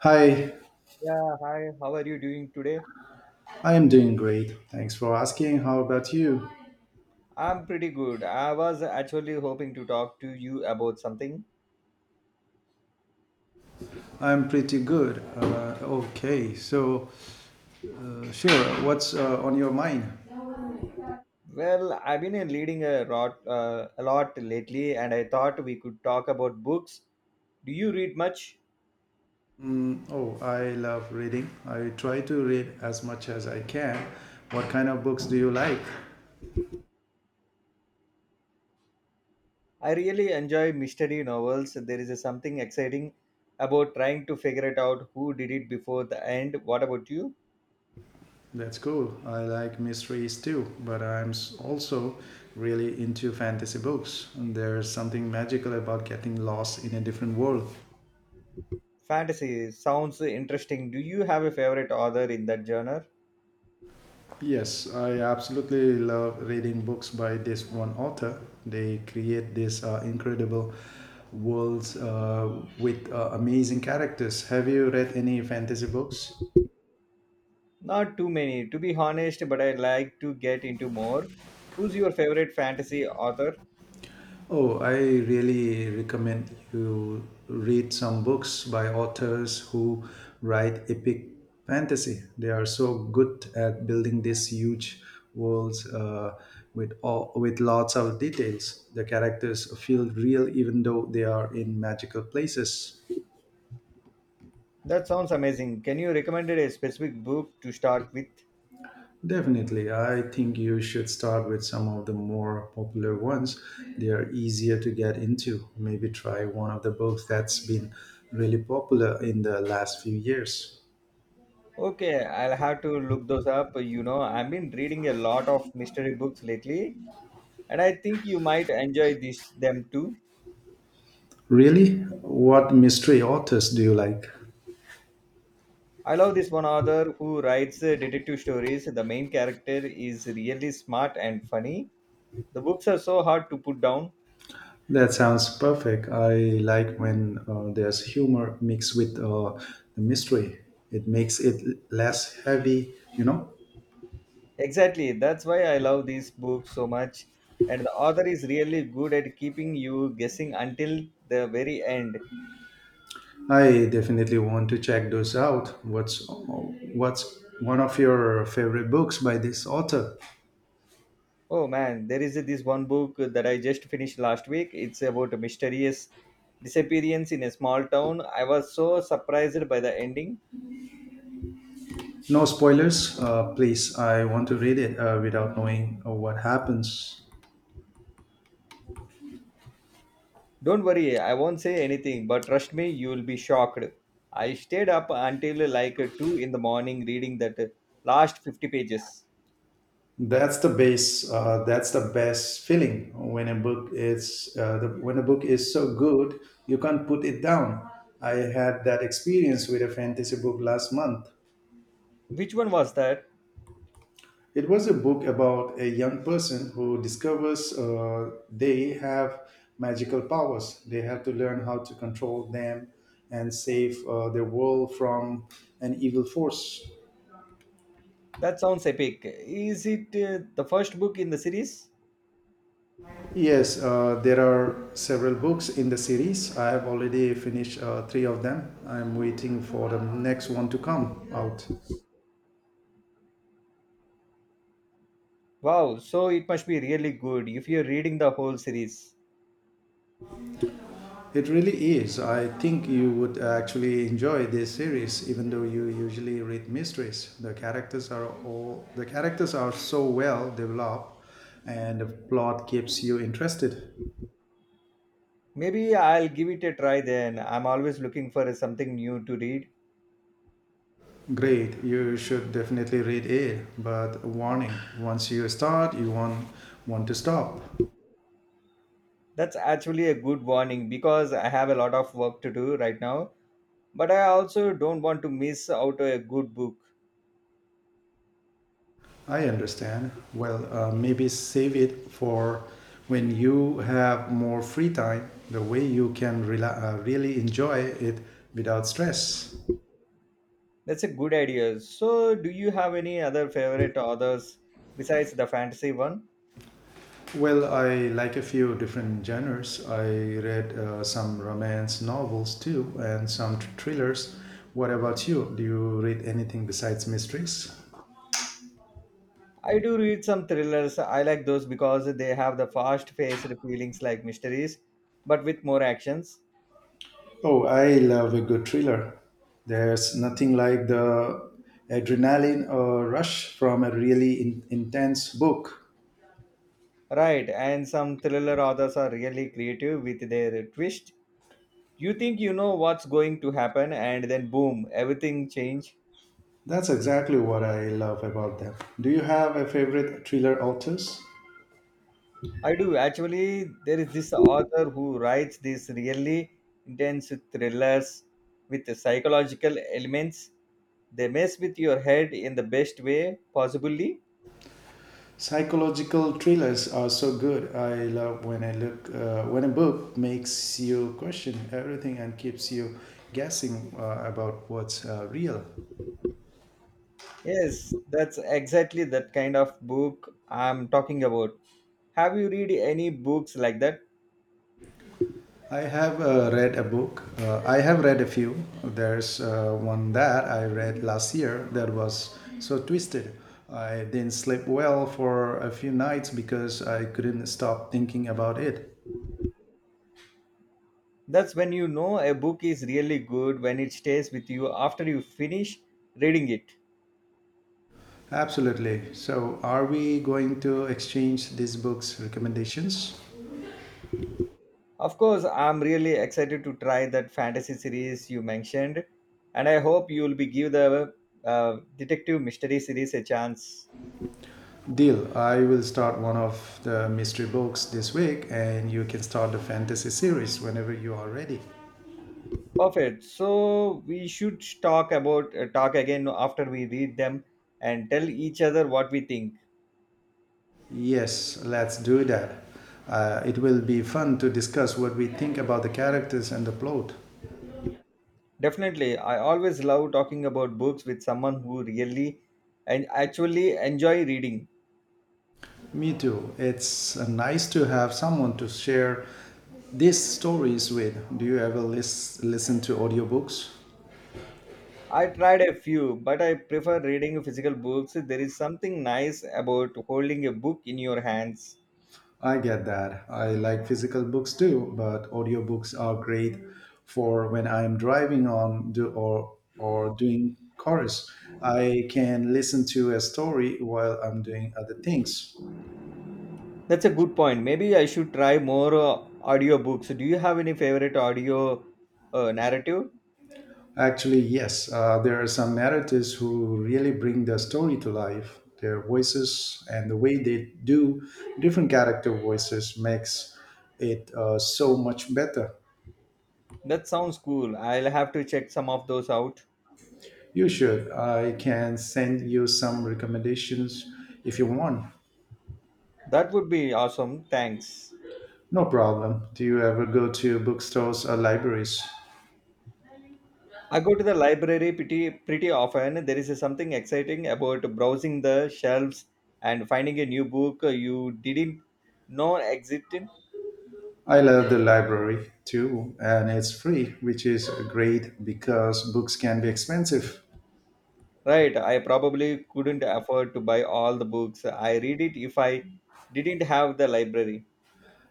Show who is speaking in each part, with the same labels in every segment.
Speaker 1: Hi,
Speaker 2: Yeah, hi. How are you doing today?
Speaker 1: I am doing great. Thanks for asking. How about you?
Speaker 2: I'm pretty good. I was actually hoping to talk to you about something.
Speaker 1: I'm pretty good. Okay, so sure, what's on your mind?
Speaker 2: Well, I've been reading a lot lately, and I thought we could talk about books. Do you read much?
Speaker 1: Mm, oh, I love reading. I try to read as much as I can. What kind of books do you like?
Speaker 2: I really enjoy mystery novels. There is something exciting about trying to figure it out who did it before the end. What about you?
Speaker 1: That's cool. I like mysteries too, but also really into fantasy books. There's something magical about getting lost in a different world.
Speaker 2: Fantasy sounds interesting. Do you have a favorite author in that genre?
Speaker 1: Yes, I absolutely love reading books by this one author. They create these incredible worlds with amazing characters. Have you read any fantasy books?
Speaker 2: Not too many, to be honest, but I'd like to get into more. Who's your favorite fantasy author?
Speaker 1: Oh, I really recommend you read some books by authors who write epic fantasy. They are so good at building these huge worlds with lots of details. The characters feel real even though they are in magical places.
Speaker 2: That sounds amazing. Can you recommend a specific book to start with?
Speaker 1: Definitely. I think you should start with some of the more popular ones. They are easier to get into. Maybe try one of the books that's been really popular in the last few years.
Speaker 2: Okay, I'll have to look those up. You know, I've been reading a lot of mystery books lately, and I think you might enjoy this them too.
Speaker 1: Really? What mystery authors do you like?
Speaker 2: I love this one author who writes detective stories. The main character is really smart and funny. The books are so hard to put down.
Speaker 1: That sounds perfect. I like when there's humor mixed with the mystery. It makes it less heavy, you know?
Speaker 2: Exactly. That's why I love these books so much. And the author is really good at keeping you guessing until the very end.
Speaker 1: I definitely want to check those out. What's one of your favorite books by this author?
Speaker 2: Oh man, there is this one book that I just finished last week. It's about a mysterious disappearance in a small town. I was so surprised by the ending.
Speaker 1: No spoilers, please. I want to read it without knowing what happens.
Speaker 2: Don't worry, I won't say anything, but trust me, you'll be shocked. I stayed up until like 2 in the morning reading that last 50 pages.
Speaker 1: That's the base. That's the best feeling when a book is the, when a book is so good you can't put it down. I had that experience with a fantasy book last month.
Speaker 2: Which one was that?
Speaker 1: It was a book about a young person who discovers they have magical powers. They have to learn how to control them and save the world from an evil force.
Speaker 2: That sounds epic. Is it the first book in the series?
Speaker 1: Yes, there are several books in the series. I have already finished three of them. I'm waiting for the next one to come out.
Speaker 2: Wow, so it must be really good if you're reading the whole series.
Speaker 1: It really is. I think you would actually enjoy this series, even though you usually read mysteries. The characters are all the characters are so well developed, and the plot keeps you interested.
Speaker 2: Maybe I'll give it a try then. I'm always looking for something new to read.
Speaker 1: Great, you should definitely read it. But warning: once you start, you won't want to stop.
Speaker 2: That's actually a good warning because I have a lot of work to do right now, but I also don't want to miss out a good book.
Speaker 1: I understand. Well, maybe save it for when you have more free time, the way you can really enjoy it without stress.
Speaker 2: That's a good idea. So, do you have any other favorite authors besides the fantasy one?
Speaker 1: Well, I like a few different genres. I read some romance novels too and some thrillers. What about you? Do you read anything besides mysteries?
Speaker 2: I do read some thrillers. I like those because they have the fast-paced feelings like mysteries, but with more actions.
Speaker 1: Oh, I love a good thriller. There's nothing like the adrenaline rush from a really intense book.
Speaker 2: Right, and some thriller authors are really creative with their twist. You think you know what's going to happen, and then boom, everything change.
Speaker 1: That's exactly what I love about them. Do you have a favorite thriller authors?
Speaker 2: I do actually. There is this author who writes these really intense thrillers with the psychological elements. They mess with your head in the best way possibly.
Speaker 1: Psychological thrillers are so good. I love when I look When a book makes you question everything and keeps you guessing about what's real.
Speaker 2: Yes, that's exactly that kind of book I'm talking about. Have you read any books like that?
Speaker 1: I have read a book. I have read a few. There's one that I read last year that was so twisted. I didn't sleep well for a few nights because I couldn't stop thinking about it.
Speaker 2: That's when you know a book is really good when it stays with you after you finish reading it.
Speaker 1: Absolutely. So, are we going to exchange these books' recommendations?
Speaker 2: Of course, I'm really excited to try that fantasy series you mentioned, and I hope you'll be give the detective mystery series a chance.
Speaker 1: Deal. I will start one of the mystery books this week, and you can start the fantasy series whenever you are ready.
Speaker 2: Perfect. So we should talk about talk again after we read them and tell each other what we think.
Speaker 1: Yes, let's do that. It will be fun to discuss what we think about the characters and the plot.
Speaker 2: Definitely, I always love talking about books with someone who really and actually enjoy reading.
Speaker 1: Me too. It's nice to have someone to share these stories with. Do you ever listen to audiobooks?
Speaker 2: I tried a few, but I prefer reading physical books. There is something nice about holding a book in your hands.
Speaker 1: I get that. I like physical books too, but audiobooks are great for when I'm driving on do, or doing chores. I can listen to a story while I'm doing other things.
Speaker 2: That's a good point. Maybe I should try more audiobooks. Do you have any favorite audio narrative?
Speaker 1: Actually, yes, there are some narrators who really bring the story to life. Their voices and the way they do different character voices makes it so much better.
Speaker 2: That sounds cool. I'll have to check some of those out.
Speaker 1: You should. I can send you some recommendations if you want.
Speaker 2: That would be awesome. Thanks.
Speaker 1: No problem. Do you ever go to bookstores or libraries?
Speaker 2: I go to the library pretty often. There is something exciting about browsing the shelves and finding a new book you didn't know existed.
Speaker 1: I love the library too, and it's free, which is great because books can be expensive.
Speaker 2: Right, I probably couldn't afford to buy all the books I read it if I didn't have the library.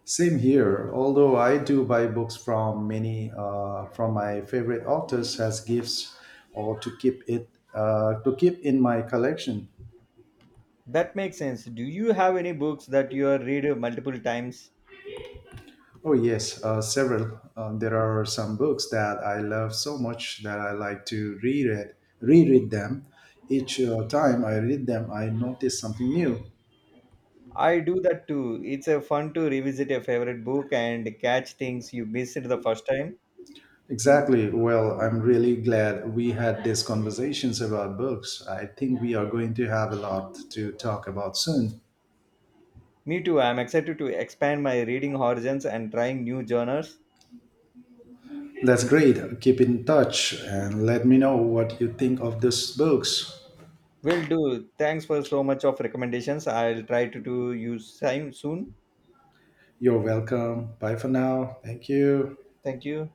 Speaker 1: Same here. Although I do buy books from many from my favorite authors as gifts or to keep it to keep in my collection.
Speaker 2: That makes sense. Do you have any books that you read multiple times?
Speaker 1: Oh, yes, several. There are some books that I love so much that I like to reread them. Each time I read them, I notice something new.
Speaker 2: I do that too. It's a fun to revisit a favorite book and catch things you missed the first time.
Speaker 1: Exactly. Well, I'm really glad we had these conversations about books. I think we are going to have a lot to talk about soon.
Speaker 2: Me too. I'm excited to expand my reading horizons and trying new genres.
Speaker 1: That's great. Keep in touch and let me know what you think of these books.
Speaker 2: Will do. Thanks for so much of recommendations. I'll try to do you same soon.
Speaker 1: You're welcome. Bye for now. Thank you.
Speaker 2: Thank you.